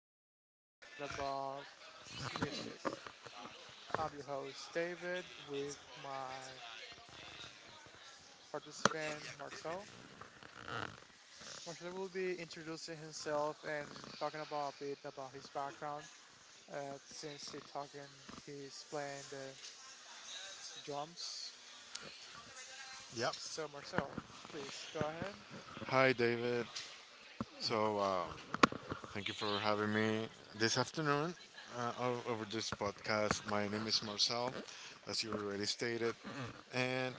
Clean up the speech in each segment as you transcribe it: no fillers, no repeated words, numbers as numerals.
podcast, we'll be talking about music. I'm your host, David, with my participant, Marcel. Marcel will be introducing himself and talking about a bit about his background since he talking, he's playing the drums. Yep. So, Marcel, please go ahead. Hi, David. So, uh, thank you for having me this afternoon over this podcast. My name is Marcel, as you already stated. And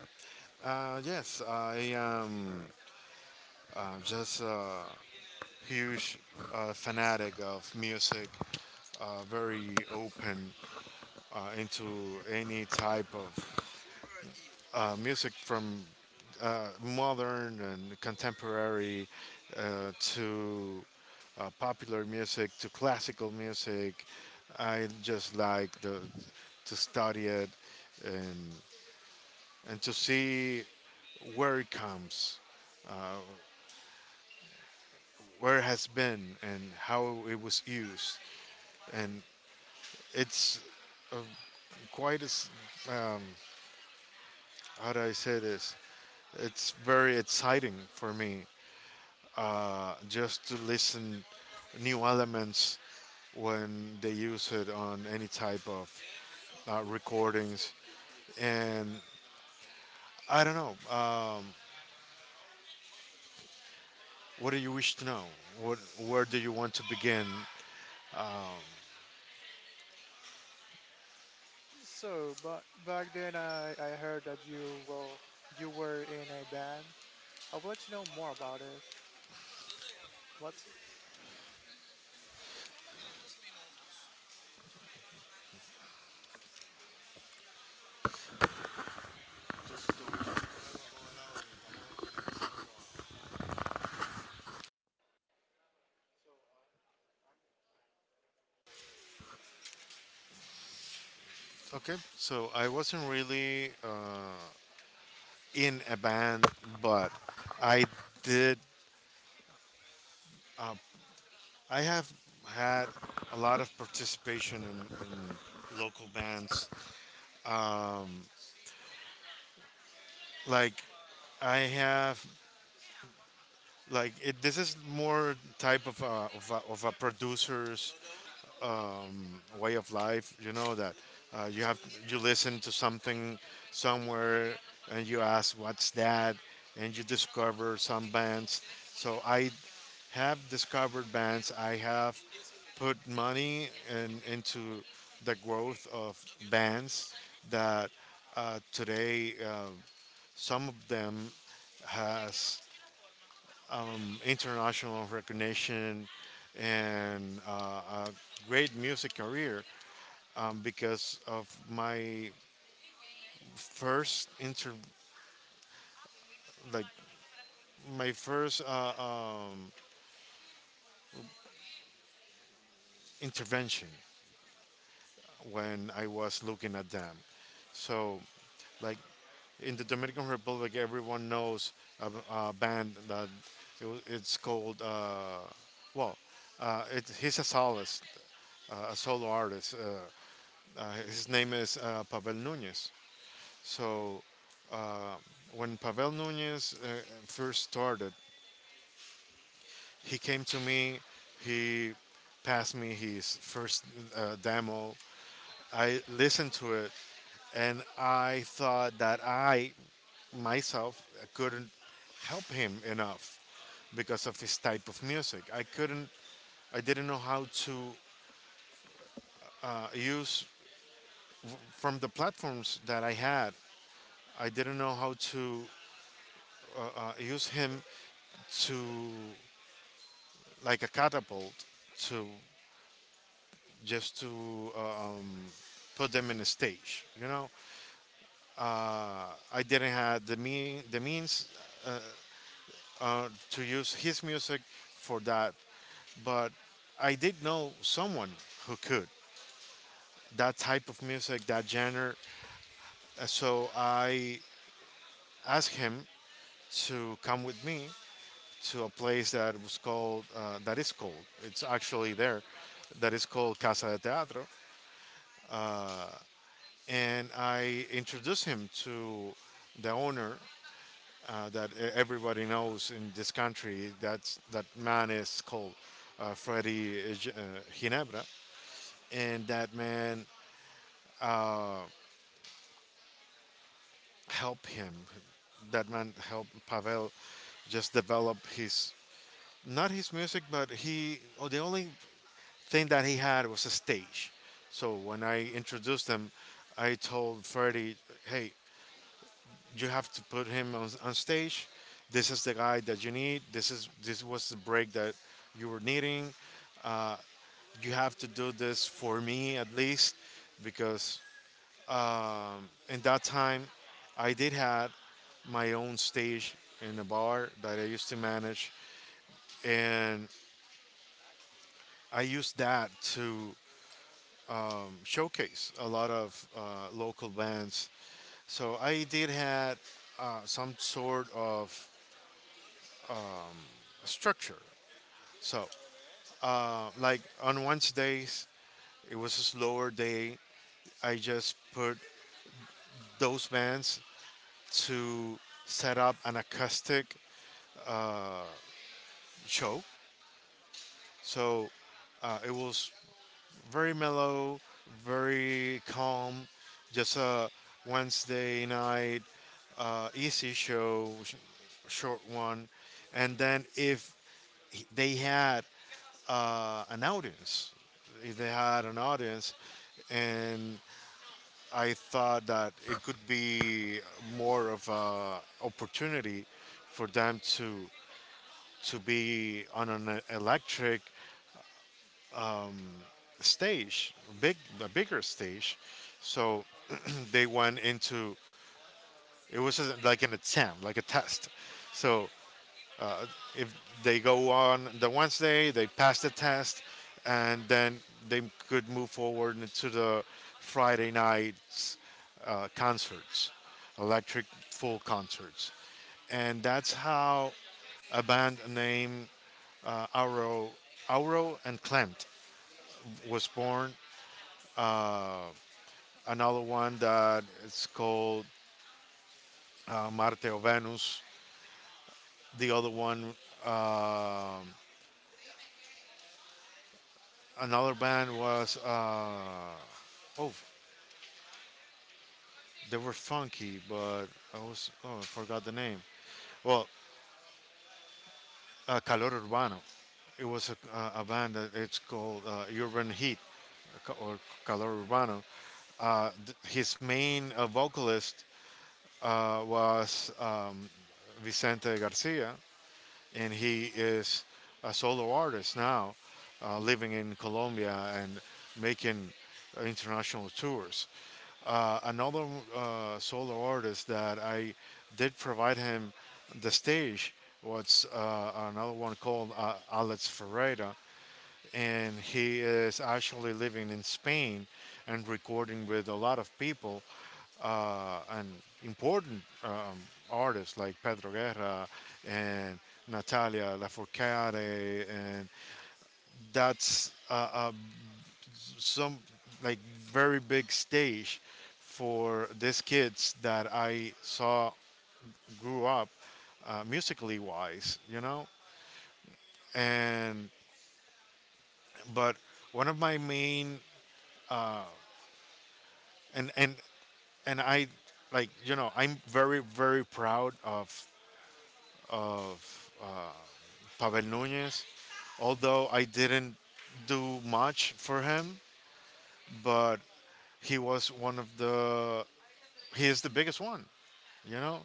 yes, I am just a huge fanatic of music, very open into any type of music from modern and contemporary to popular music to classical music. I just to study it and, and to see where it comes, where it has been, and how it was used. And it's uh, quite as, um, how do I say this? It's very exciting for me just to listen new elements when they use it on any type of recordings. And I don't know. What do you wish to know? What Where do you want to begin? So, but back then, I heard that you, well, you were in a band. I will let you know more about it. What? Okay, so I wasn't really in a band, but I did. I have had a lot of participation in local bands. Um, like I have like it, This is more type of a producer's way of life, you know, that uh, you have you listen to something somewhere, and you ask what's that, and you discover some bands, so I have discovered bands. I have put into the growth of bands that today some of them has international recognition, and a great music career, because of my first inter like first intervention when I was looking at them. So, like, in the Dominican Republic, everyone knows a band that it's called, well. uh, he's a soloist, a solo artist. His name is Pavel Nunez. So uh, when Pavel Nunez first started, he came to me. He passed me his first demo. I listened to it, and I thought that I myself couldn't help him enough because of his type of music. I couldn't. I didn't know how to use from the platforms that I had. I didn't know how to use him to like a catapult to just to uh, um, put them in a stage. You know, uh, I didn't have the means to use his music for that, but I did know someone who could, that type of music, that genre. So I asked him to come with me to a place that was called, it's actually there, that is called Casa de Teatro, and I introduced him to the owner, that everybody knows in this country. That's, that man is called Freddy, Ginebra, and that man helped him. That man helped Pavel just develop his, not his music, but he, oh, the only thing that he had was a stage. So when I introduced him, I told Freddie, "Hey, you have to put him on stage. This is the guy that you need. This was the break that you were needing. You have to do this for me at least, because, in that time, I did had my own stage in a bar that I used to manage, and I used that to showcase a lot of local bands. So I did had some sort of structure. So, like on Wednesdays, it was a slower day. I just put those bands to set up an acoustic show. So it was very mellow, very calm, just a Wednesday night, easy short one. And then if they had uh, an audience, if they had an audience, and I thought that it could be more of a opportunity for them to be on an electric stage, big a bigger stage. So they went into, like an attempt, like a test. So if they go on the Wednesday, they pass the test, and then they could move forward into the Friday night's concerts, electric full concerts, and that's how a band named uh, Auro, Auro and Clent was born. Another one that is called Marte o Venus. The other one, uh, another band was, oh, they were funky, but I was, oh, I forgot the name. Well, Calor Urbano. It was a band that it's called, Urban Heat, or Calor Urbano. His main vocalist was Vicente Garcia, and he is a solo artist now, living in Colombia and making international tours. Another solo artist that I did provide him the stage was another one called Alex Ferreira, and he is actually living in Spain and recording with a lot of people, and important, artists like Pedro Guerra and Natalia Lafourcade, and that's some, like, very big stage for these kids that I saw grew up, musically wise, you know. And but one of my main and and and I, like, you know, I'm very, very proud of, Pavel Nunez, although I didn't do much for him, but he was one of the, he is the biggest one, you know,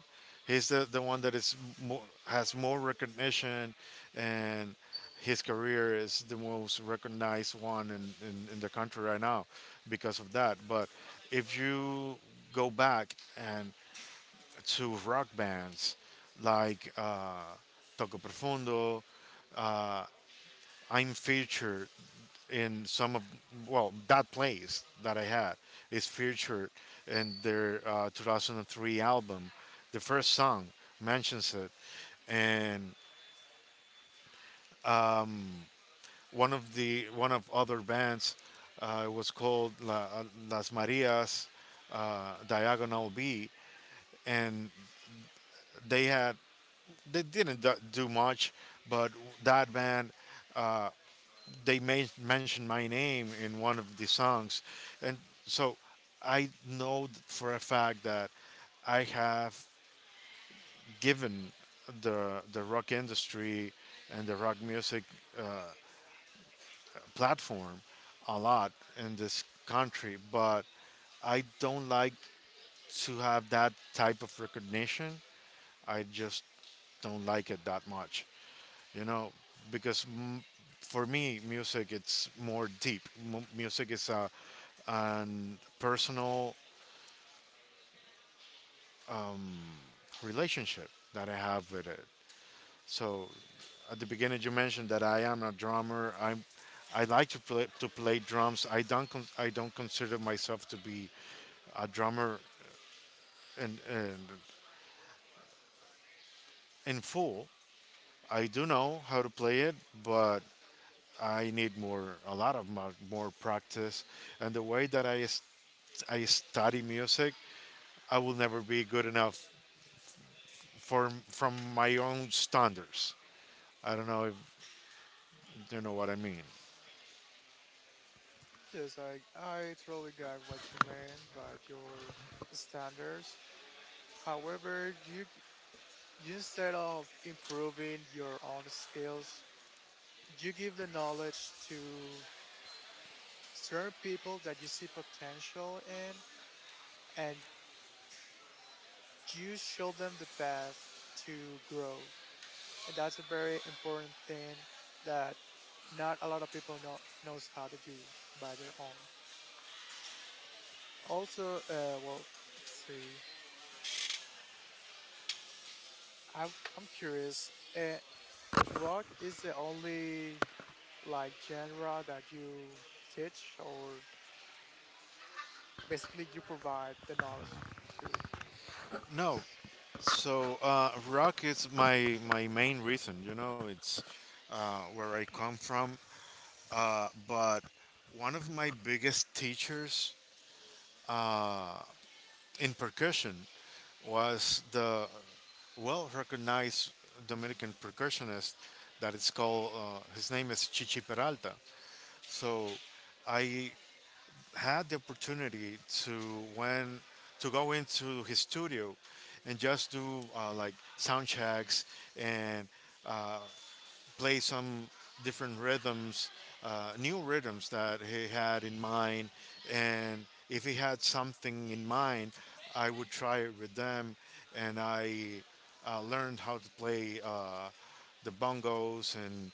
he's the one that is more, has more recognition, and his career is the most recognized one in the country right now because of that. But if you go back and to rock bands like, Toco Profundo. I'm featured in some of, well, that place that I had is featured in their 2003 album. The first song mentions it, and one of other bands was called La, Las Marias, Diagonal B, and they had they didn't do much, but that band uh, mentioned my name in one of the songs, and so I know for a fact that I have given the rock industry and the rock music platform a lot in this country, but I don't like to have that type of recognition. I just don't like it that much, you know, because for me music it's more deep. Music is a an personal relationship that I have with it. So at the beginning you mentioned that I am a drummer. I like to play drums. I don't I don't consider myself to be a drummer in, in in full. I do know how to play it, but I need more a lot of more, more practice. And the way that I study music, I will never be good enough for from my own standards. I don't know if you know what I mean. Yes, I totally got what you meant by your standards. However, you, instead of improving your own skills, you give the knowledge to certain people that you see potential in, and you show them the path to grow. And that's a very important thing that not a lot of people knows how to do by their own. Also, well, let's see. I'm curious. Uh, rock is the only like genre that you teach or basically you provide the knowledge to. No, so rock is my, my main reason. You know, it's where I come from. But one of my biggest teachers uh, in percussion was the well-recognized Dominican percussionist that is called. His name is Chichi Peralta. So I had the opportunity to, when, to go into his studio and just do like sound checks and uh, play some different rhythms, new rhythms that he had in mind. And if he had something in mind, I would try it with them. And I learned how to play the bongos,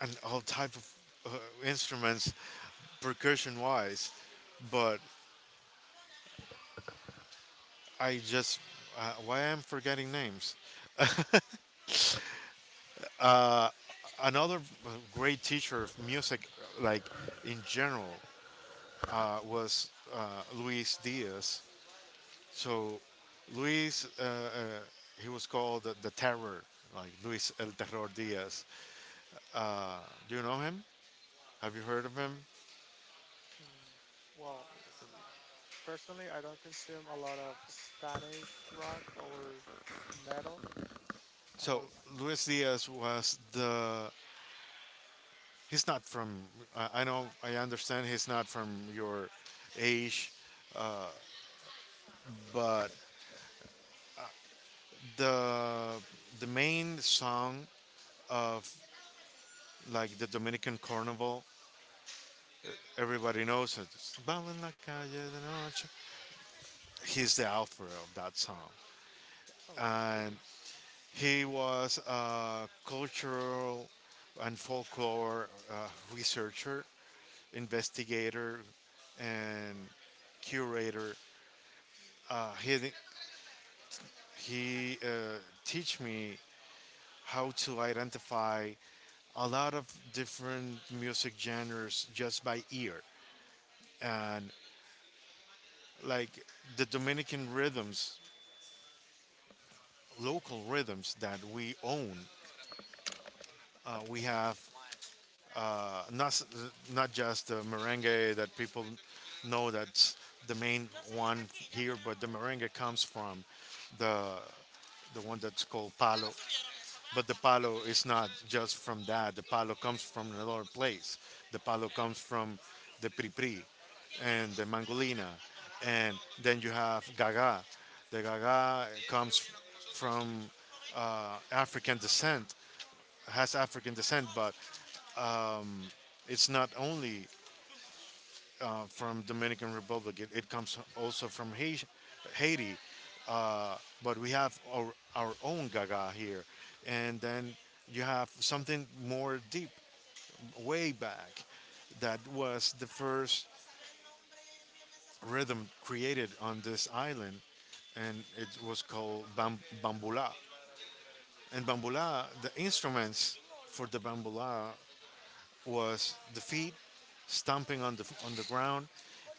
and all type of uh, instruments percussion wise, but I just, why I'm forgetting names. Another great teacher of music, like in general, was Luis Diaz. So Luis, he was called the Terror, like Luis El Terror Diaz. Do you know him? Have you heard of him? Mm. Well, personally, I don't consume a lot of Spanish rock or metal. I'm So more. Luis Diaz was the. He's not from. I know. I understand. He's not from your age, but the the main song of, like, the Dominican Carnival, everybody knows it. "Baila en la calle de noche." He's the author of that song, Oh, just and curious. he was a cultural and folklore researcher, investigator, and curator. Uh, he he teach me how to identify a lot of different music genres just by ear, and, like, the Dominican rhythms, local rhythms that we own. We have, uh, not not just the merengue that people know, that's the main one here, but the merengue comes from the the one that's called palo. But the palo is not just from that. The palo comes from another place. The palo comes from the pripri and the mangolina, and then you have gaga. The gaga comes from African descent, has African descent, but it's not only from Dominican Republic. It comes also from Haiti, Haiti, but we have our own Gaga here, and then you have something more deep, way back, that was the first rhythm created on this island, and it was called bambula. And bambula, the instruments for the bambula was the feet, stomping on the, on the ground,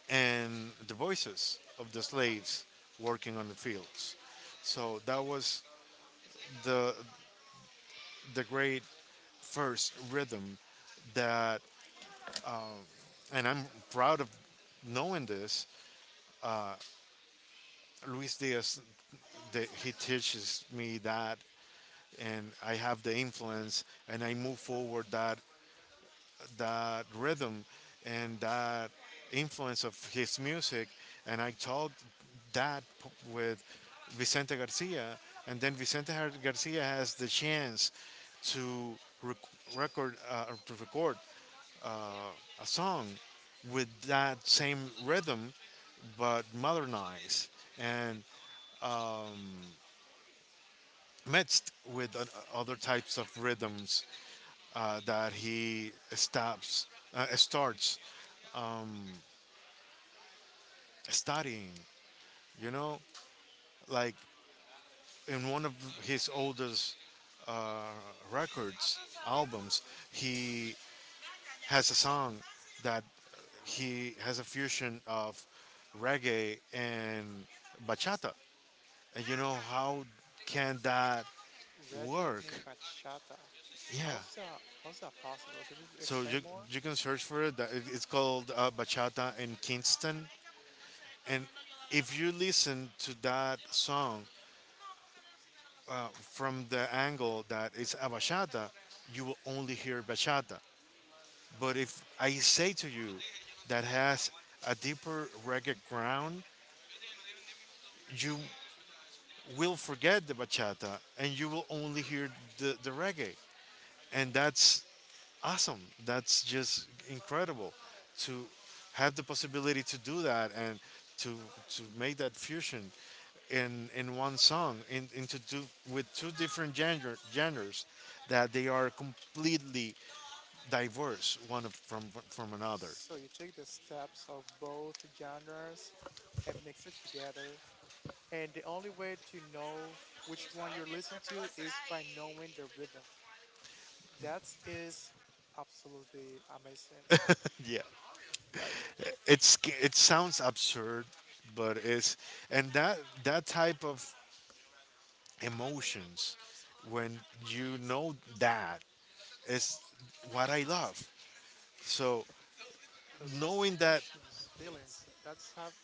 and the voices of the slaves working on the fields. So that was the the great first rhythm that, and I'm proud of knowing this. Luis Diaz, he teaches me that, and I have the influence, and I move forward that rhythm and that influence of his music. And I told that p- with Vicente Garcia. And then Vicente Garcia has the chance to rec- record a song with that same rhythm, but modernized and mixed with other types of rhythms that he stops starts studying. You know, like in one of his oldest uh, records albums, he has a song that he has a fusion of reggae and bachata. And you know, how can that Reggae work? and bachata. Yeah. How's that? How's that possible? Can you So explain you more? can search for it, it's called Bachata in Kingston. And if you listen to that song from the angle that it's a bachata, you will only hear bachata. But if I say to you that has a deeper reggae ground, you will forget the bachata and you will only hear the reggae. And that's awesome. That's just incredible to have the possibility to do that, and to, to make that fusion in one song, in to do with two different genres that they are completely diverse one from another. So you take the steps of both genres and mix it together, and the only way to know which one you're listening to is by knowing the rhythm. That is absolutely amazing. Yeah. Like, It's, it sounds absurd, but it's, and that type of emotions when you know, that is what I love. So those knowing that, emotions, feelings, that's have,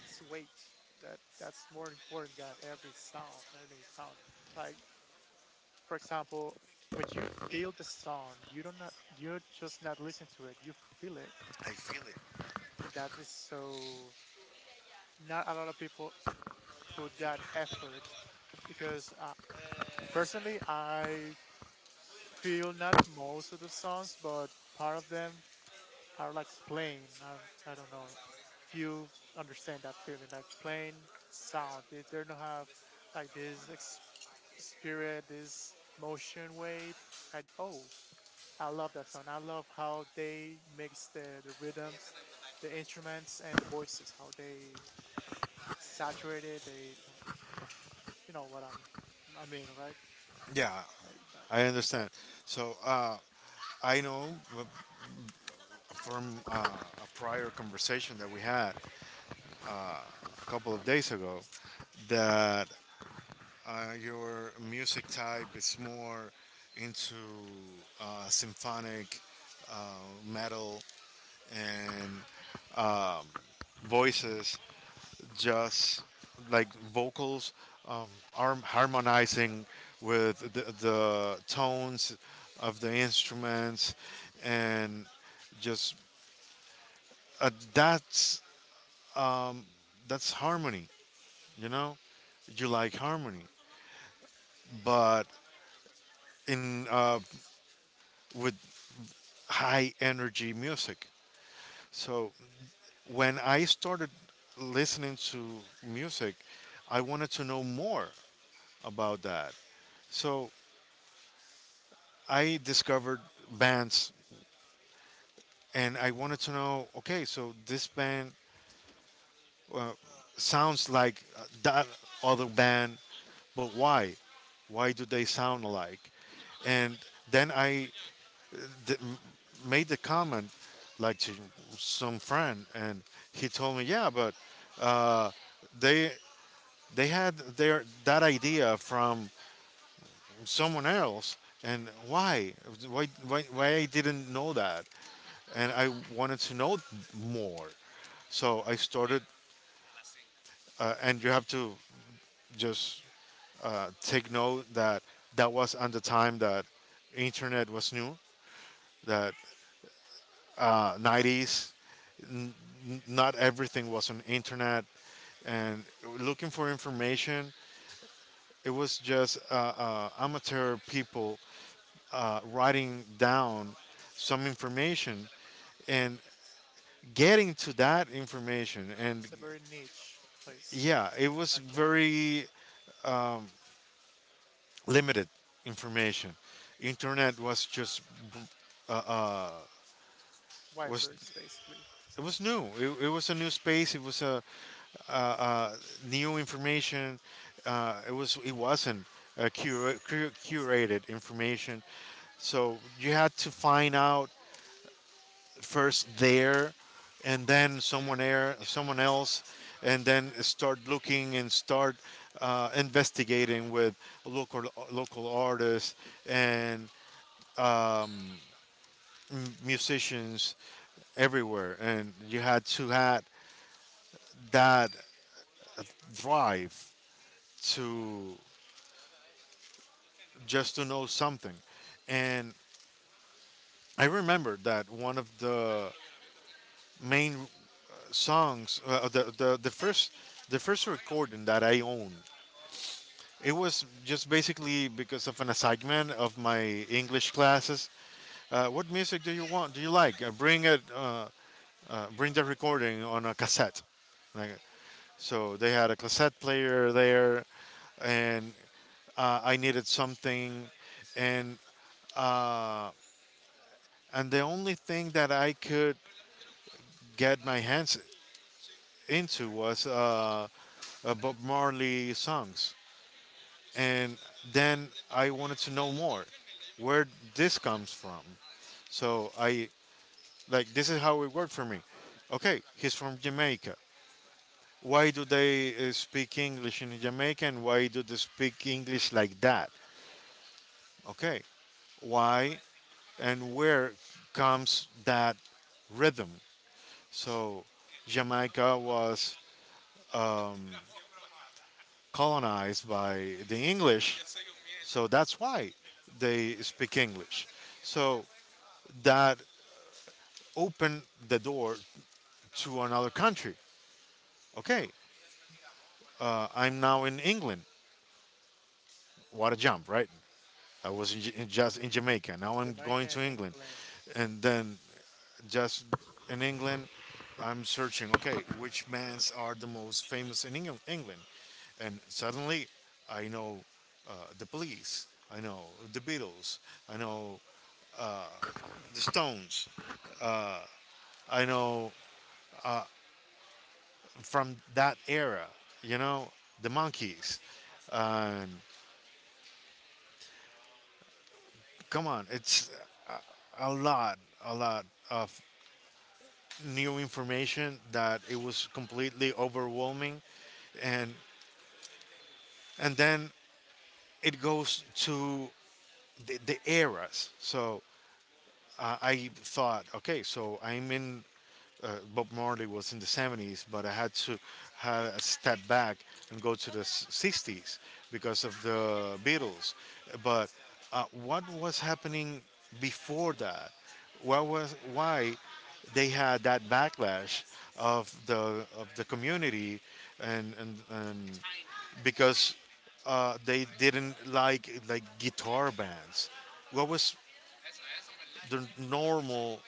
that's weight. That that's more important than every sound, any sound. Like, for example, when you feel the sound, you don't not, you just not listen to it. You feel it. That is so. Not a lot of people put that effort because personally I feel not most of the songs, but part of them are like plain. I don't know if you understand that feeling, like plain sound. They don't have like this spirit, this motion weight. And oh, I love that song. I love how they mix the rhythms, the instruments, and the voices. How they saturated. They, you know, you know what I mean, right? yeah, Like I understand. that's So I know from a prior conversation that we had a couple of days ago that your music type is more into symphonic uh, metal, and voices, just like vocals, um, are harmonizing with the tones of the instruments, and just uh, that's that's harmony. You know, you like harmony, but in with high energy music. So when I started listening to music, I wanted to know more about that. So I discovered bands, and I wanted to know. Okay, so this band uh, sounds like that other band, but why? Why do they sound alike? And then I d- made the comment, like, to some friend, and he told me, yeah, but uh, they they had their that idea from someone else. And why, why I didn't know that, and I wanted to know more. So I started, and you have to just take note that that was at the time that internet was new, that 90s, not everything was on internet, and looking for information, it was just amateur people writing down some information and getting to that information. And a very niche place yeah, it was back then. very limited information. Internet was just was Wipers, basically. It was new. It was a new space. It was a uh, uh, new information. It was, it wasn't curated information. So you had to find out first there, and then someone there, someone else, and then start looking and start investigating with local local artists and um, musicians everywhere, and you had to had that drive to just to know something. And I remember that one of the main songs, the first, the first recording that I owned, it was just basically because of an assignment of my English classes. What music do you want? Do you like? Bring it. Bring the recording on a cassette. Like, so they had a cassette player there, and I needed something, and. Uh, and the only thing that I could get my hands into was Bob Marley songs. And then I wanted to know more, where this comes from. So I, like, this is how it worked for me. Okay, he's from Jamaica. Why do they speak English in Jamaica, and why do they speak English like that? Okay, why and where comes that rhythm? So Jamaica was um, colonized by the English, so that's why they speak English. So that opened the door to another country. Okay, I'm now in England. What a jump, right? I was in, J- in just in Jamaica. Now I'm going Jamaica to and England, England. and That's then just in England, I'm searching. Okay, which bands are the most famous in England? And suddenly, I know the Police. I know the Beatles. I know the Stones. I know from that era, you know, the Monkeys. Um, come on, it's a lot, a lot of new information that it was completely overwhelming, and then it goes to the eras. So I thought, okay, so I'm in, uh, Bob Marley was in the 70s, but I had a step back and go to the 60s because of the Beatles. But what was happening before that? What was, why they had that backlash of the community, and because they didn't like guitar bands. What was the normal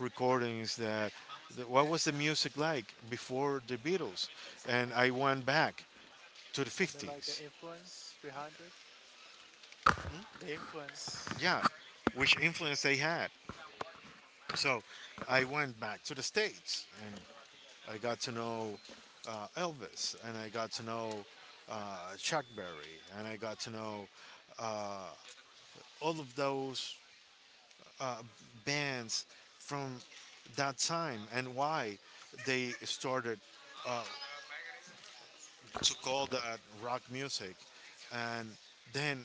recordings that, what was the music like before the Beatles, and I went back to the something like the 50s. influence behind it. The influence. Yeah, which influence they had. So I went back to the States, and I got to know Elvis, and I got to know Chuck Berry, and I got to know all of those bands from that time, and why they started to call that rock music. And then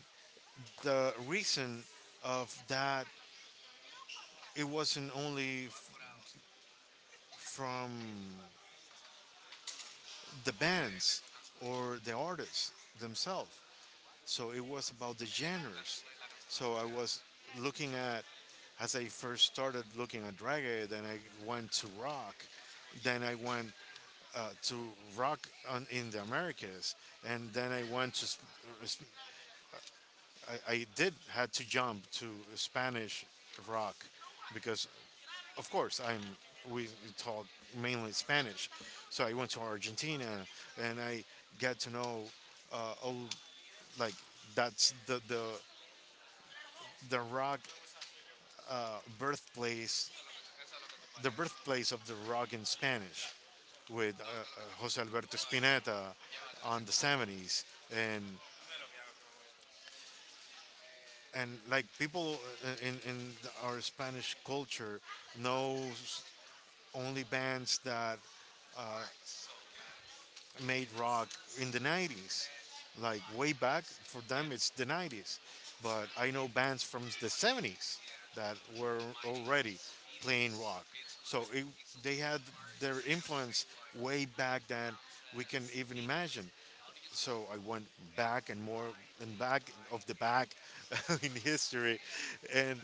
the reason of that, it wasn't only from the bands or the artists themselves. So it was about the genres. So I was looking at, as I first started looking at reggae, then I went to rock, then I went to rock in the Americas, and then I went to uh, I did had to jump to Spanish rock because of course I'm, we taught mainly Spanish, so I went to Argentina, and I got to know, oh, like, that's the the rock birthplace, the birthplace of the rock in Spanish, with Jose Alberto Spinetta on the 70s. and and, like, people in our Spanish culture knows only bands that made rock in the 90s. Like, way back for them, it's the 90s. But I know bands from the 70s that were already playing rock. So it, they had their influence way back than we can even imagine. So I went back and more and back of the back in history, and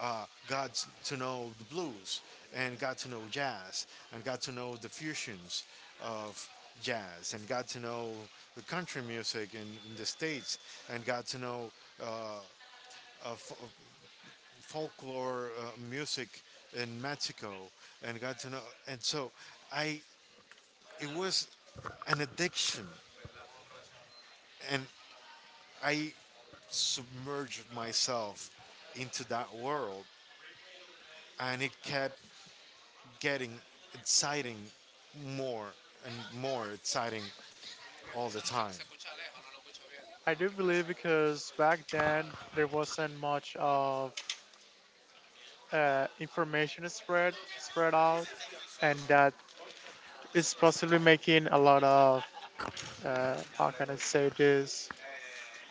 got to know the blues, and got to know jazz, and got to know the fusions of jazz, and got to know the country music in the States, and got to know folklore music in Mexico, and got to know. And so I, it was an addiction, and I submerged myself into that world, and it kept getting exciting, more and more exciting all the time. I do believe because back then there wasn't much of information spread out, and that is possibly making a lot of how can I say this?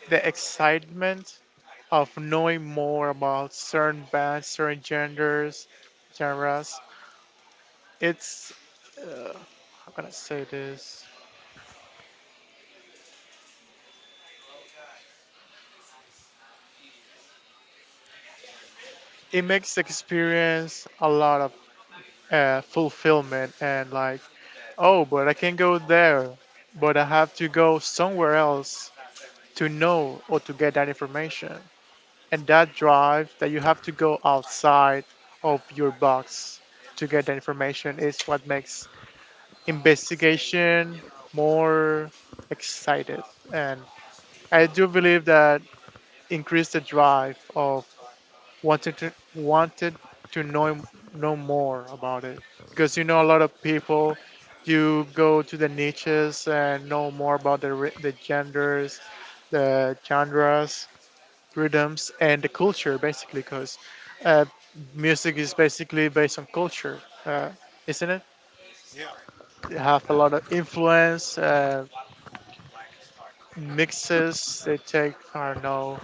The excitement of knowing more about certain bands, certain genders, genres. It's uh, how can I say this? It makes the experience a lot of fulfillment, and like, oh, but I can go there, but I have to go somewhere else to know or to get that information, and that drive that you have to go outside of your box to get that information is what makes investigation more excited, and I do believe that increase the drive of wanted to know more about it because you know a lot of people you go to the niches and know more about the the genders, the genres, rhythms, and the culture, basically because uh, music is basically based on culture, uh, isn't it? Yeah. They have a lot of influence, mixes they take. I don't know,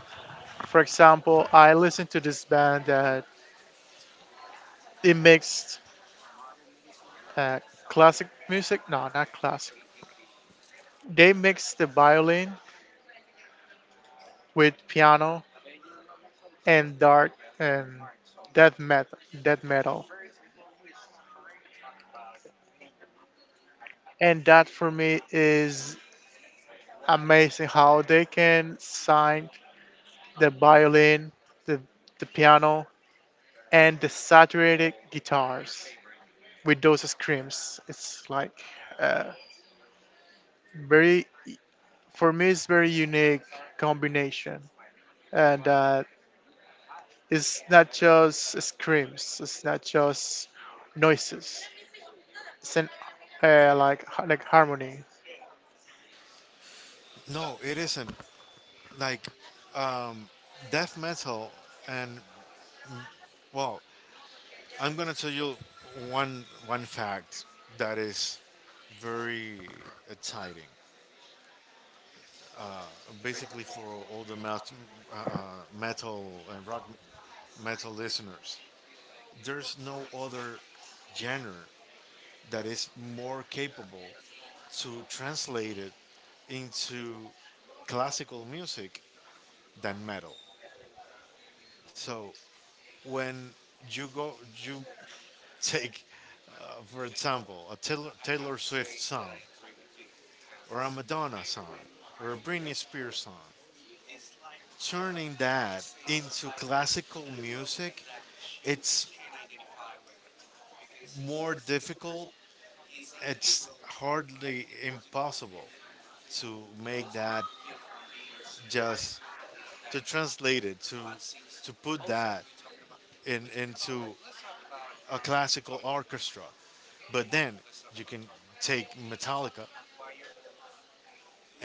for example, I listened to this band that it mixed uh, classic music. No, not classic. They mix the violin with piano and dark and death metal. Death metal, and that for me is amazing how they can sign the violin, the the piano, and the saturated guitars with those screams. It's like, uh, very, for me it's very unique combination, and it's not just screams. It's not just noises. It's an, like like harmony. No, it isn't. Like, death metal and, well, I'm gonna tell you one fact that is very exciting. Basically, for all the uh, uh, metal and rock metal listeners, there's no other genre that is more capable to translate it into classical music than metal. So When when you you go, go, you you take take, for your time, example, a Taylor Taylor Swift Swift's song, song, or a Ramadan, Madonna song, or a Britney Britney Spears Spears, song, turn turning that that into into classical classically music. music, it's more More difficult, difficult. and it's It's hard and hardly impossible impossible to to make make, that, just just to to translate translate it, it, to to put put that that in, in into into a a classical classical orchestra. orchestra. But But then then you you can can take take Metallica Metallica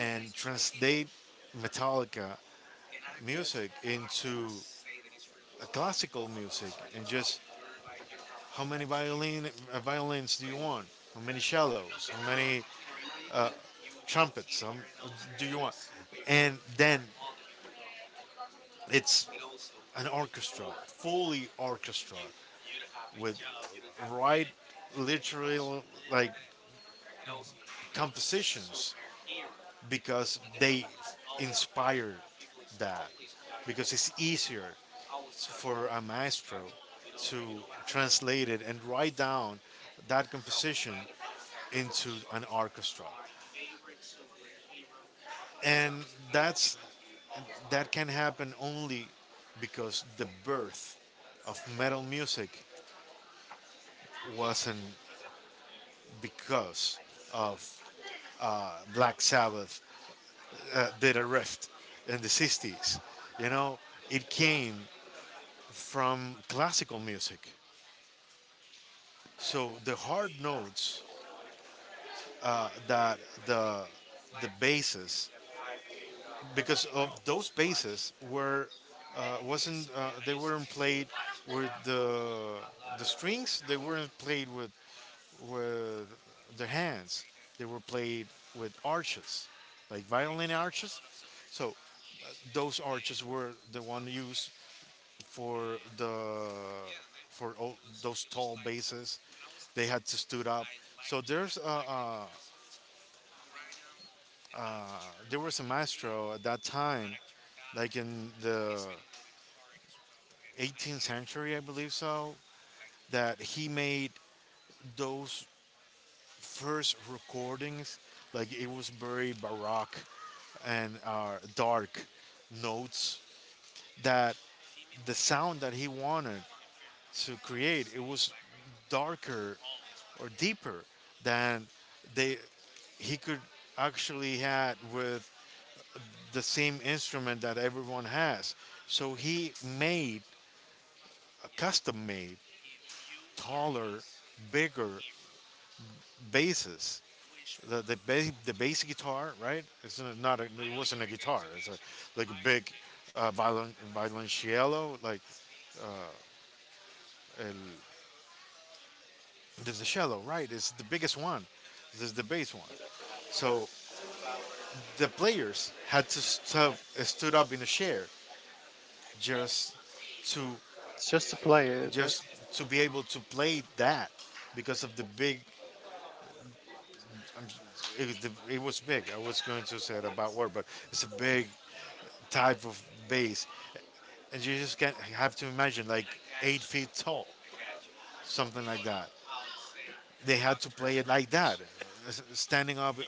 and translate translate Metallica Metallica music music into into a classical classical music, music, and and just just, how how many many violins violins do do you you want? want? How How many many cellos? cellos? How How many many trumpets trumpets, uh, do do you you want? want? And And then then it's it's an an orchestra, orchestra, fully fully orchestra orchestrated with with, right right, ritual, literally, like like those compositions was compositions, here because because they they always inspire people with that, that. because Because it's it's easy easier for us for to a maestro to translate translate it it and and write write down down that that composition composition into into our an orchestra. minds. And And that's, that's, that that can can happen only only because because the the birth birth of of metal metal music music was wasn't because because of of uh, Black Black Sabbath Sabbath in did a a rift restaurant in in the the 60s. 60s, you You know, know. it It came came to from classical music. So the the hard high notes, notes that that the the the bases, basses, because because of those those basses basses were were wasn't wasn't they they weren't weren't played played with with the the strings, strings. They they weren't weren't played. played with their hands. They were played with arches, like violin arches. So those arches were the one used for the for all those tall basses they had to stood up. So there's there was a maestro at that time, like in the 18th century, I believe so, that he made those first recordings. Like, it was very baroque and dark notes that the sound that he wanted to create, it was darker or deeper than they, he could actually had with the same instrument that everyone has. So he made a custom made taller, bigger basses. The the bass guitar, right? It's not not a, it wasn't a guitar. It's a, like a big violoncello, like el, the cello, right? It's the biggest one. This is the bass one. So So the the players players had had to stood stood up up in in a the chair. chair just to It's just to play it. just Just, to be able to play that because of the big I'm, it, was it was big. I was going to say it about word, but it's a big type of bass, and you just can not have to imagine like 8 feet tall, something like that. They had to play it like that, standing up uh,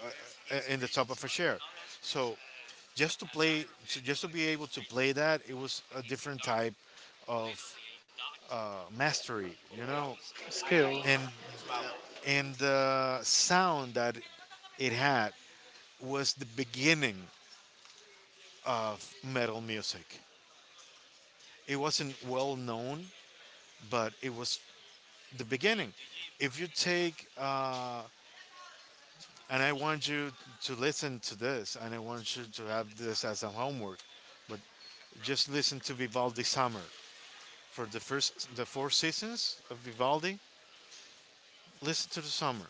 uh, in the top of a chair. So so just to be able to play that, it was a different type of mastery, skill. and the sound that it had was the beginning metal music. It wasn't well known, but it was the beginning. If you take, and I want you to listen to this, and I want you to have this as a homework, but just listen to Vivaldi Summer. For the first, the four seasons of Vivaldi, listen to the summer.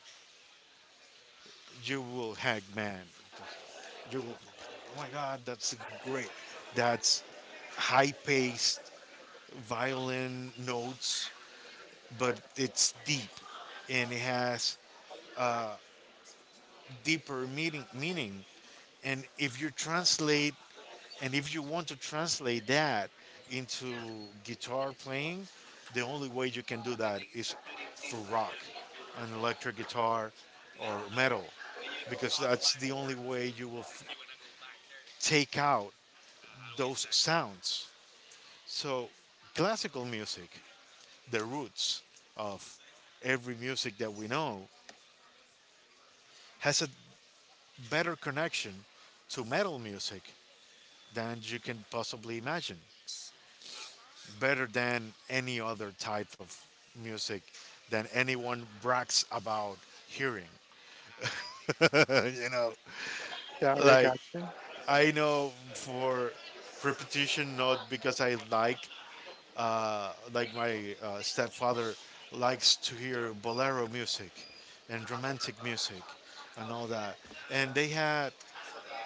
You will hack, man. You will, oh my God, that's great. That's high paced violin notes, but it's deep and it has deeper meaning. And if you translate, and if you want to translate that into guitar playing, the only way you can do that is through rock, an electric guitar, or metal, because that's the only way you will take out those sounds. So, classical music, the roots of every music that we know, has a better connection to metal music than you can possibly imagine, better than any other type of music than anyone brags about hearing. you know, Yeah, I like got I know for repetition, not because I like my stepfather likes to hear bolero music and romantic music and all that. And they you. had,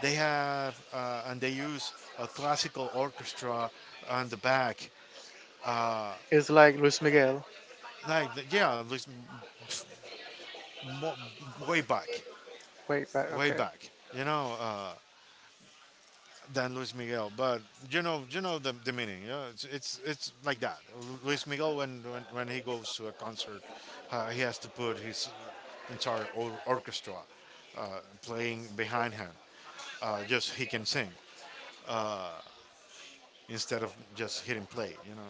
they have, and they use a classical orchestra on the back. It's like Luis Miguel. Like, yeah, at least mo- way back Wait, back. way Okay. back, than Luis Miguel. But you know the meaning. Yeah, it's like that. Luis Miguel, when he goes to a concert, he has to put his entire orchestra playing behind him. Just he can sing instead of just hit and play.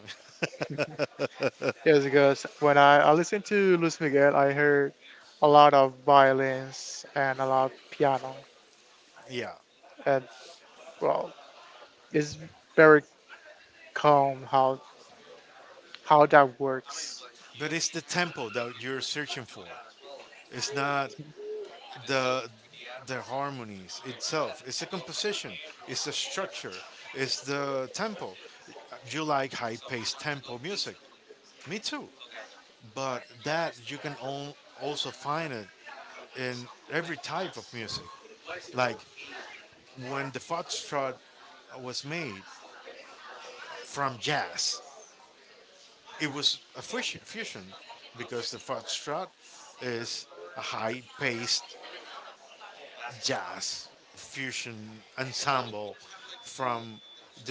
Yes, because when I listened to Luis Miguel, I heard a lot of violins and a lot of piano. yeah. And well, it's very calm how that works. But it's the tempo that you're searching for. It's not the the harmonies itself. It's a composition, it's the structure, it's the tempo. You like high-paced tempo music, me too, but that you can also find it in every type of music, like when the foxtrot was made from jazz. It It was was, a it was fusion, because the extra. foxtrot It was, is a I paid high-paced half jobs jazz fusion fusion style ensemble from from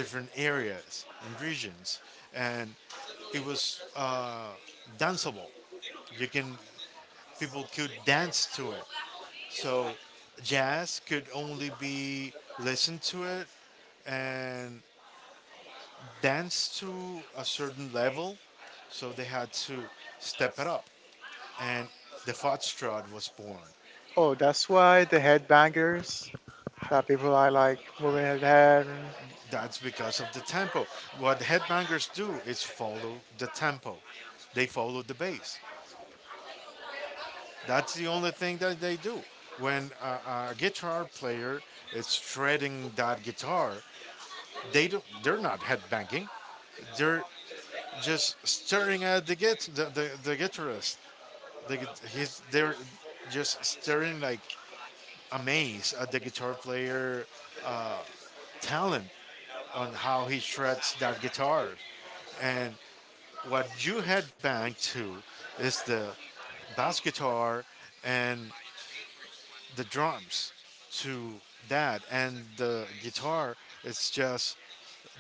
different areas areas, and and regions, Um, and it it was was danceable. danceable because people You can could People could dance dance to to it. it. So So jazz jazz could could be listened only be to it listened to it and and dance danced to it to in a a certain certain way, level, so so they they had had to to step step it it up, up. and the foxtrot was born. Oh, that's why the headbangers, that people are like moving their head. That's because of the tempo. What headbangers do is follow the tempo. They follow the bass. That's the only thing that they do. When a guitar player is shredding that guitar, they don't. They're not headbanging. They're just staring at the guitarist. And The, he's they're they're just just very staring like amazed amazed at at the the guitar guitar player, player you talent know, on how how he he shreds shreds the that guitar guitar. and And What what he do, you headbang right? to is the bass guitar and the drums to that, and the guitar, it's just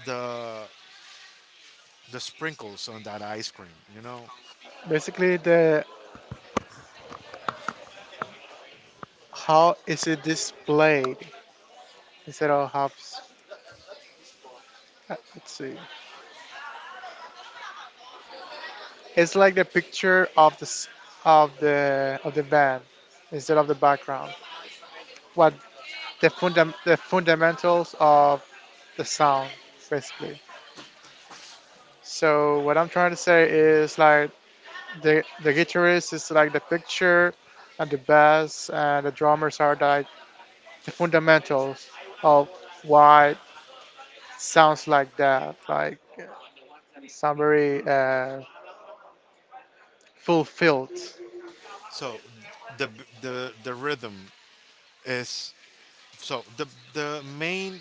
the the sprinkles on that ice cream, you know. Basically, the how is it displayed instead of how. Let's see. It's like the picture of of the band instead of the background. What the fundamentals of the sound, basically. So what I'm trying to say is like the guitarist is like the picture and the bass and the drummers are like the fundamentals of why it sounds like that. Like, sound very fulfilled. So the the rhythm is, so the main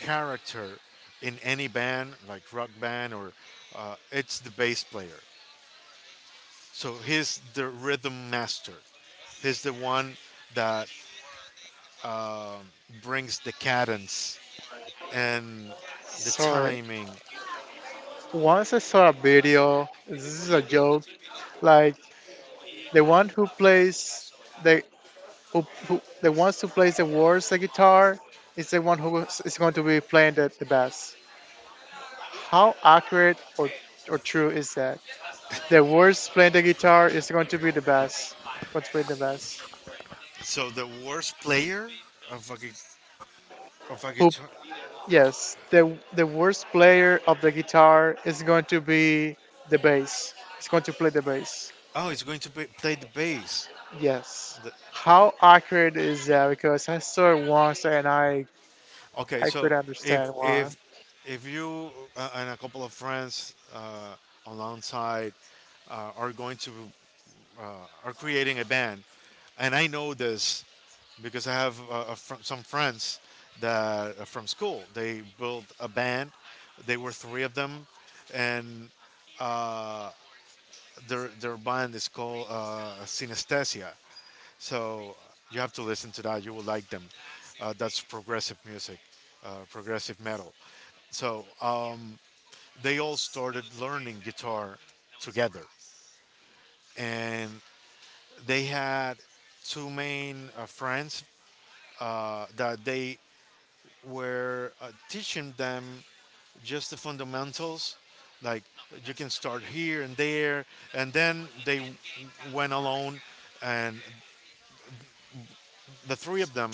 character in any band like rock band, or it's the bass player. So he's the rhythm master. He's the one that brings the cadence and the Sorry. timing. Once I saw a video. This is a joke. Like, the one who plays the, who the ones who plays the worst the guitar is the one who is going to be playing the bass. How accurate or true is that? The worst playing the guitar is going to be the best. What's playing the best? So the worst player of of a Who? guitar, Yes, the worst player of the guitar is going to be the bass. It's going to play the bass. oh, it's going to be, play the bass. Yes. The- How accurate is that? Because I saw it once and okay, I could so not if understand why. if if you, and a couple of friends, alongside, are going to, are creating a band, and I know this because I have a some friends that are from school. They built a band. They were three of them, and their band is called Synesthesia. So you have to listen to that. You will like them. That's progressive music, progressive metal. So they all started learning guitar together, and they had two main friends that they were teaching them just the fundamentals, like you can start here and there, and then they went alone, and the three of them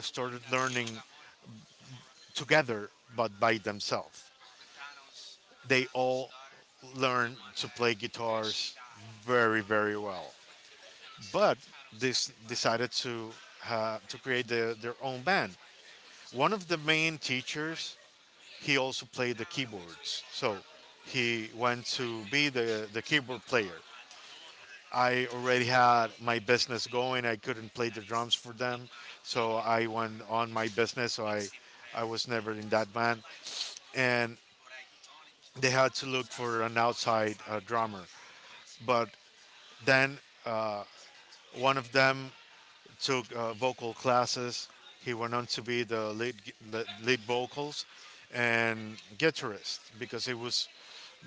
started learning together, but by themselves. They all learned to play guitars very, very well. But this decided to create the, their own band. One of the main teachers, he also played the keyboards, so he went to be the keyboard player. I already had my business going. I couldn't play the drums for them, so I went on my business. So I was never in that band, and they had to look for an outside drummer. But then one of them took vocal classes. He went on to be the lead vocals and guitarist because it was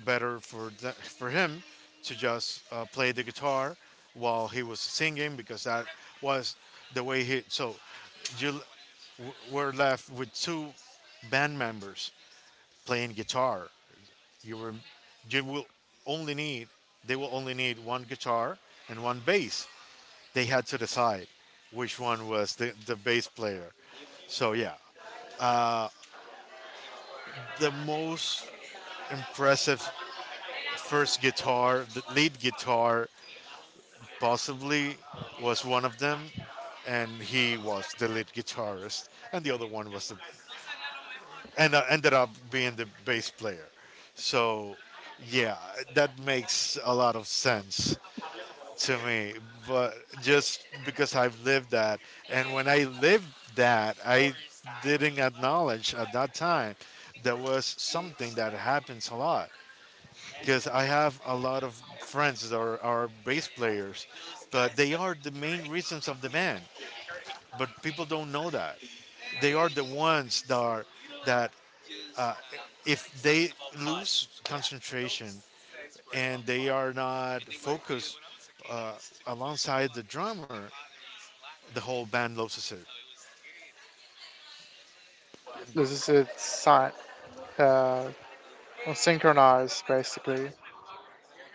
better for the, for him to just play the guitar while he was singing because that was the way he. So you l- were left with two band members playing guitar. You were, you will only need, they will only need one guitar and one bass. They had to decide which one was the bass player. So yeah, the most impressive first guitar, the lead guitar, Boston possibly was was one of Portland them, and New York and he was the during lead its finals. guitarist, and the Yeah, other one was the and I and ended ended up up being being the bass replaced with. player. So So yeah, yeah, that that makes makes a a lot of lot of sense. So sense to me, that but just just because because I I've did lived that, that. I And when that I they lived didn't that, I have didn't the acknowledge at that time there was worst team that I had in something that happens a the lot world, because because I I have have a a lot lot of of my friends friends that that were are bass baseball, players, but that they are the main reasons of the band. they But people don't know that. they They are are the the ones ones that, that, are that that if if they they are us, lose and concentration we and they are are. not focused, uh, alongside the drummer, the whole band loves it. This is it's sign, uh, synchronized basically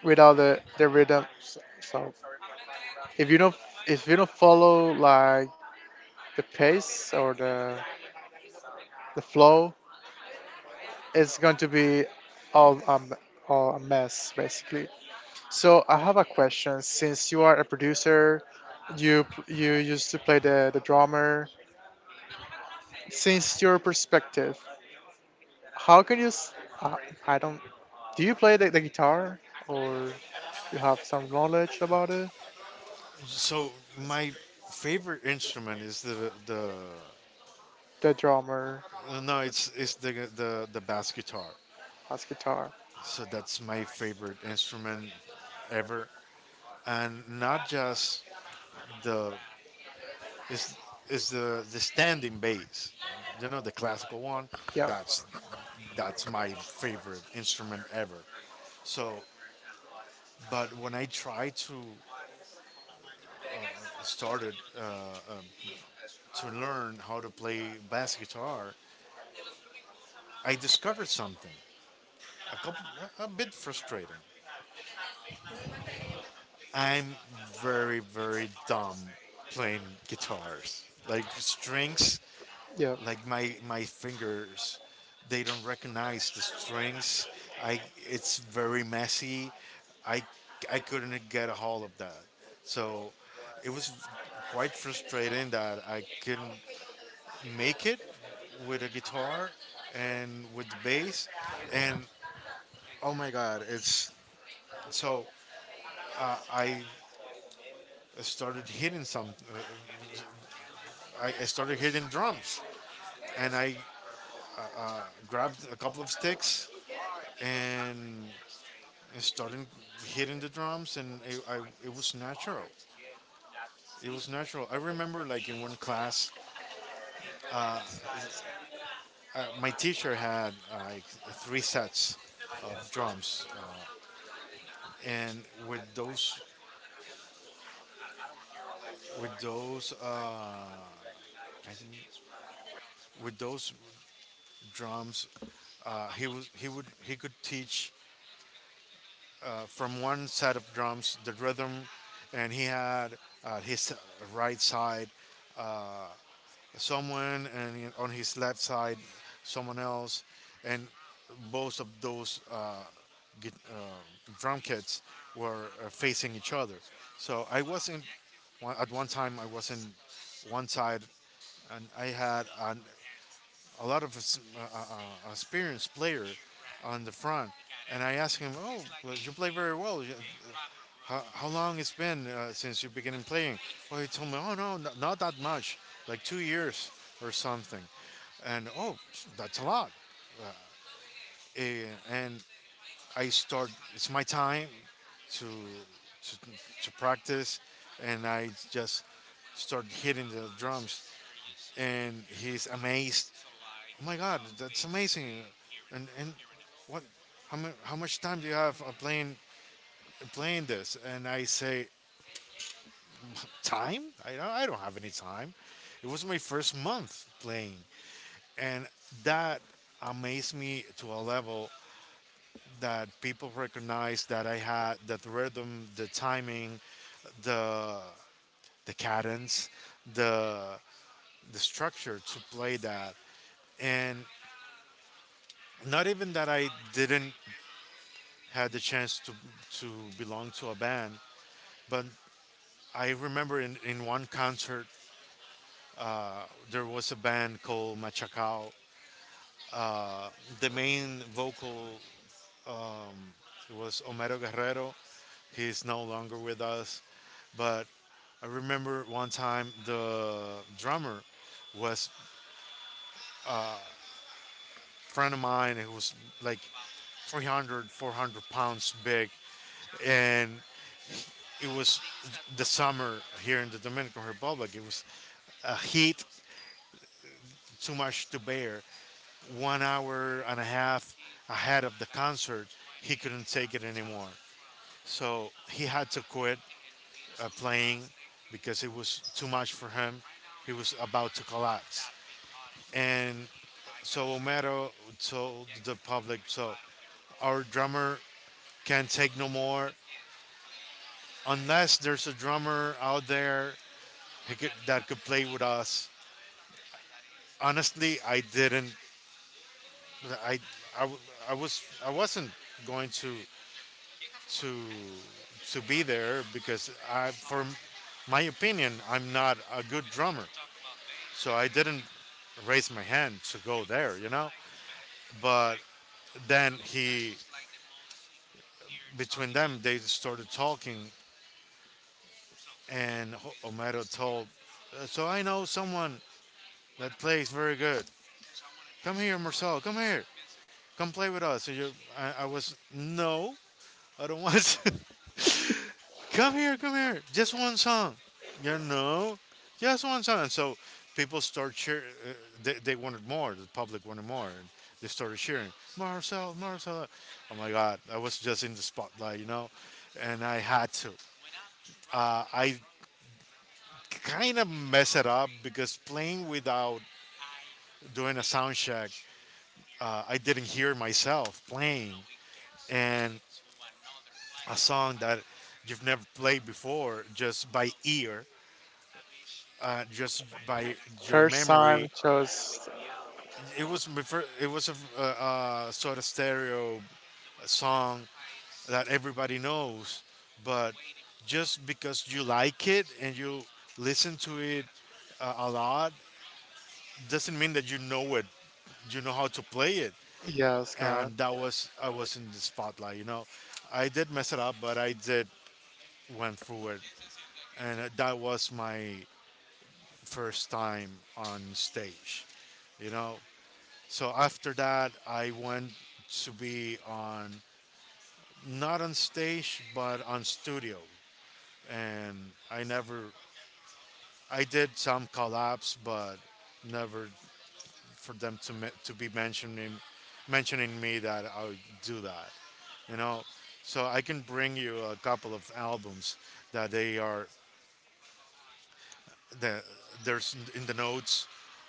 without the rhythm. So, so if you don't, if you don't follow like the pace or the flow, it's going to be all, um, all a mess, basically. So I have a question. Since you are a producer, you you used to play the drummer. Since your perspective, how can you? I I don't. Do you play the guitar, or you have some knowledge about it? So my favorite instrument is the, The drummer. no, it's the bass guitar. So that's my favorite instrument ever, and not just the is is the standing bass. You know the classical one. That's that's my favorite instrument ever. So, but when I tried to started, to learn how to play bass guitar, I discovered something a couple a bit frustrating. I'm very very dumb playing guitars. Like strings, like my fingers, they don't recognize the strings. I It's very messy. I I couldn't get a hold of that. So it was quite frustrating that I couldn't make it with a guitar and with the bass and oh my god it's so. I I started hitting some. I started hitting drums, and I grabbed a couple of sticks and I started hitting the drums, and I, I, it was natural. It was natural. I remember, like in one class, my teacher had like three sets of drums, and with those, with those, with those drums, he was he would he could teach from one set of drums, the rhythm, and he had his right side someone, and on his left side someone else, and both of those git, drum kits were facing each other. So I wasn't one, at one time I was in one side, and I had a lot of, experienced player on the front, and I asked him, "Oh, well, you play very well. How long it's been since you began playing?" Well, he told me, oh no, not that much, like 2 years or something. And oh, that's a lot. And I start. It's my time to to, to practice, and I just start hitting the drums. And he's amazed. Oh my God, that's amazing! And what? How, how much time do you have playing this? And I say time. I don't have any time. It was my first month playing, and that amazed me to a level that people recognized that I had that rhythm, the timing, the the cadence, the the structure to play that, and not even that I didn't had the chance to to belong to a band, but I remember in one concert there was a band called Machacao. The main vocal was Homero Guerrero. He's no longer with us, but I remember one time the drummer was a friend of mine who was like 300, 400 pounds big, and it was the summer here in the Dominican Republic. It was a heat too much to bear. 1 hour and a half ahead of the concert, he couldn't take it anymore. So he had to quit playing because it was too much for him. He was about to collapse. And so Omero told the public, so our drummer can't take no more. Unless there's a drummer out there that could play with us. Honestly, I didn't. I, I, w- I was I wasn't going to to be there because I for my opinion I'm not a good drummer. So I didn't raise my hand to go there, you know? But then he, between them, they started talking, and Homero told, "So I know someone that plays very good. Come here, Marcel, come here. Come play with us." And you, I was, "No, I don't want to." "Come here, come here, just one song. You know, just one song." And so people start cheering. They wanted more. The public wanted more. And they started cheering, "Marcel, Marcel." Oh my God, I was just in the spotlight, you know, and I had to. I kind of messed it up because playing without doing a sound check, I didn't hear myself playing. And a song that you've never played before, just by ear, just by your memory. It was it was a sort of stereo song that everybody knows, but just because you like it and you listen to it a lot doesn't mean that you know it. You know how to play it, and that was I was in the spotlight. You know, I did mess it up, but I did went through it, and that was my first time on stage. You know, so after that, I went to be on, not on stage but on studio, and I never I did some collabs, but never for them to to be mentioning me that I would do that. You know, so I can bring you a couple of albums that they are that there's in the notes,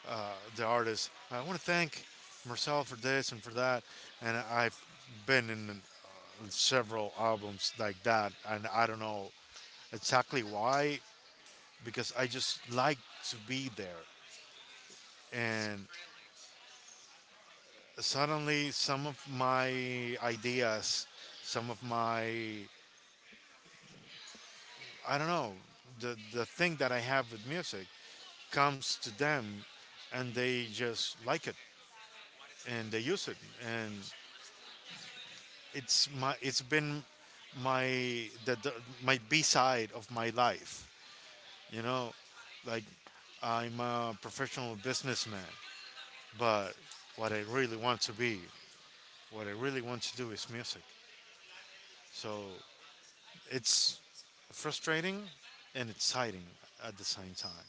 the artist. "I want to thank Marcel for this and for that," and I've been in on several albums like that, and I don't know exactly why, because I just like to be there. And suddenly, some of my ideas, some of my, I don't know, the thing that I have with music comes to them and they just like it and they use it, and it's been my, the my B side of my life. You know, like, I'm a professional businessman, but what I really want to be, what I really want to do is music. So it's frustrating and exciting at the same time.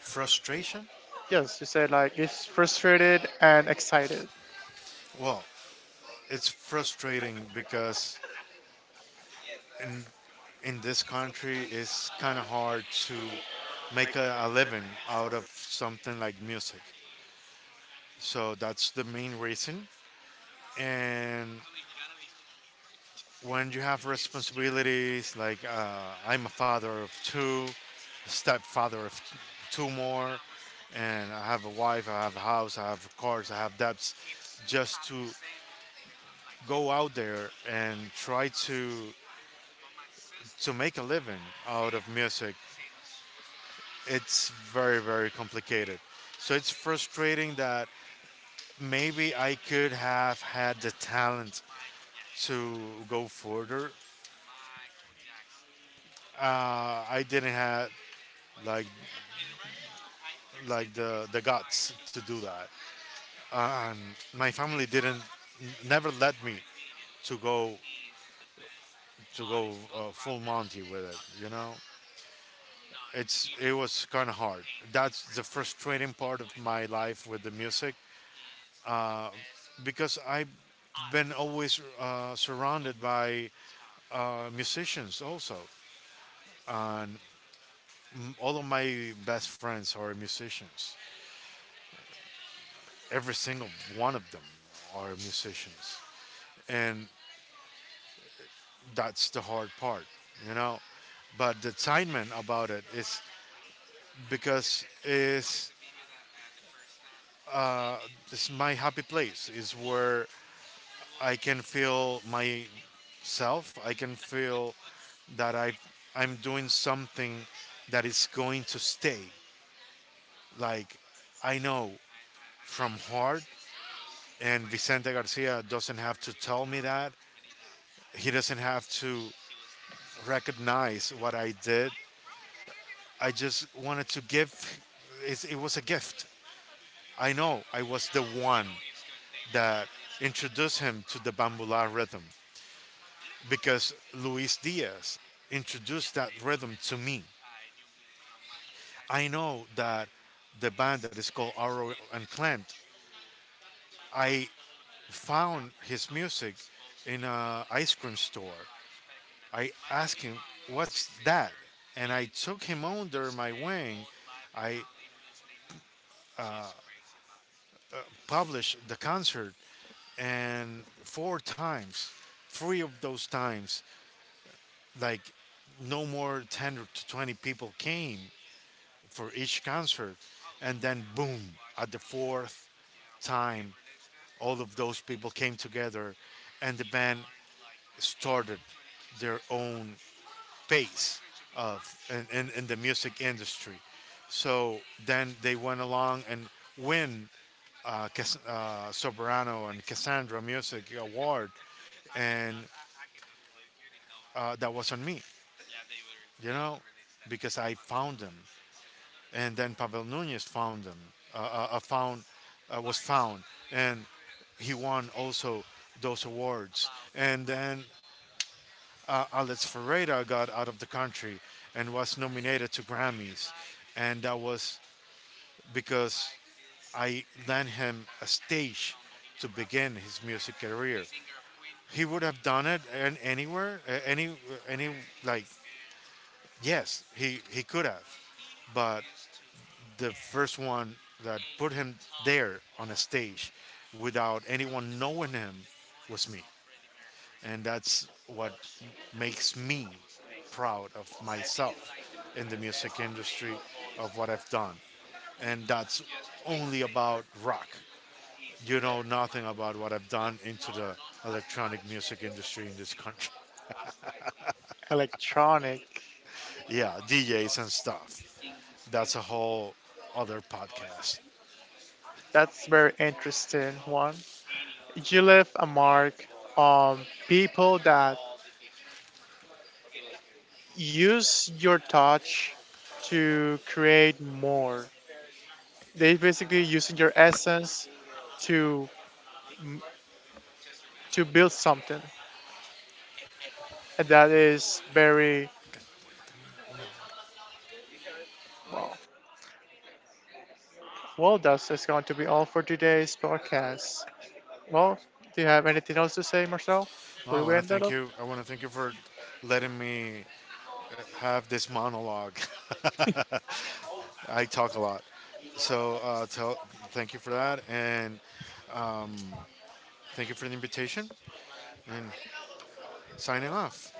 Frustration? Well, it's frustrating because in in this country it's kind of hard to make a living out of something like music. So that's the main reason. And when you have responsibilities, like I'm a father of two, stepfather of two more, and I have a wife, I have a house, I have cars, I have debts. Just to go out there and try to make a living out of music, it's very, very complicated. So it's frustrating that maybe I could have had the talent to go further. I didn't have, like, the guts to do that. My family didn't never let me to go to go full Monty with it. You know, it was kind of hard. That's the frustrating part of my life with the music, because I been always surrounded by musicians also. All of my best friends are musicians, every single one of them are musicians. And that's the hard part, you know. But the excitement about it is because it's my happy place. Is where I can feel myself. I can feel that I'm doing something that is going to stay. Like, I know from heart, and Vicente Garcia doesn't have to tell me that. He doesn't have to recognize what I did. I just wanted to give. It was a gift. I know I was the one that introduced him to the bambula rhythm, because Luis Diaz introduced that rhythm to me. I know that the band that is called Arrow Unclaimed, I found his music in a ice cream store. I asked him, "What's that?" And I took him under my wing. I published the concert, and four times, three of those times, like, no more 10 or to 20 people came for each concert, and then boom, at the fourth time all of those people came together and the band started their own pace of in the music industry. So then they went along and win soprano and cassandra music award, and that was on me, you know, because I found them. And then Pavel Nunez found them. Found, was found, and he won also those awards. And then Alex Ferreira got out of the country and was nominated to Grammys, and that was because I lent him a stage to begin his music career. He would have done it and anywhere, any, like, yes, he could have, but the first one that put him there on a stage without anyone knowing him was me. And that's what makes me proud of myself in the music industry, of what I've done. And that's only about rock. You know nothing about what I've done into the electronic music industry in this country. Yeah, DJs and stuff. That's a whole other podcast. No, I want to thank you. I want to thank you for letting me have this monologue. I talk a lot, so thank you for that, and thank you for the invitation. And signing off.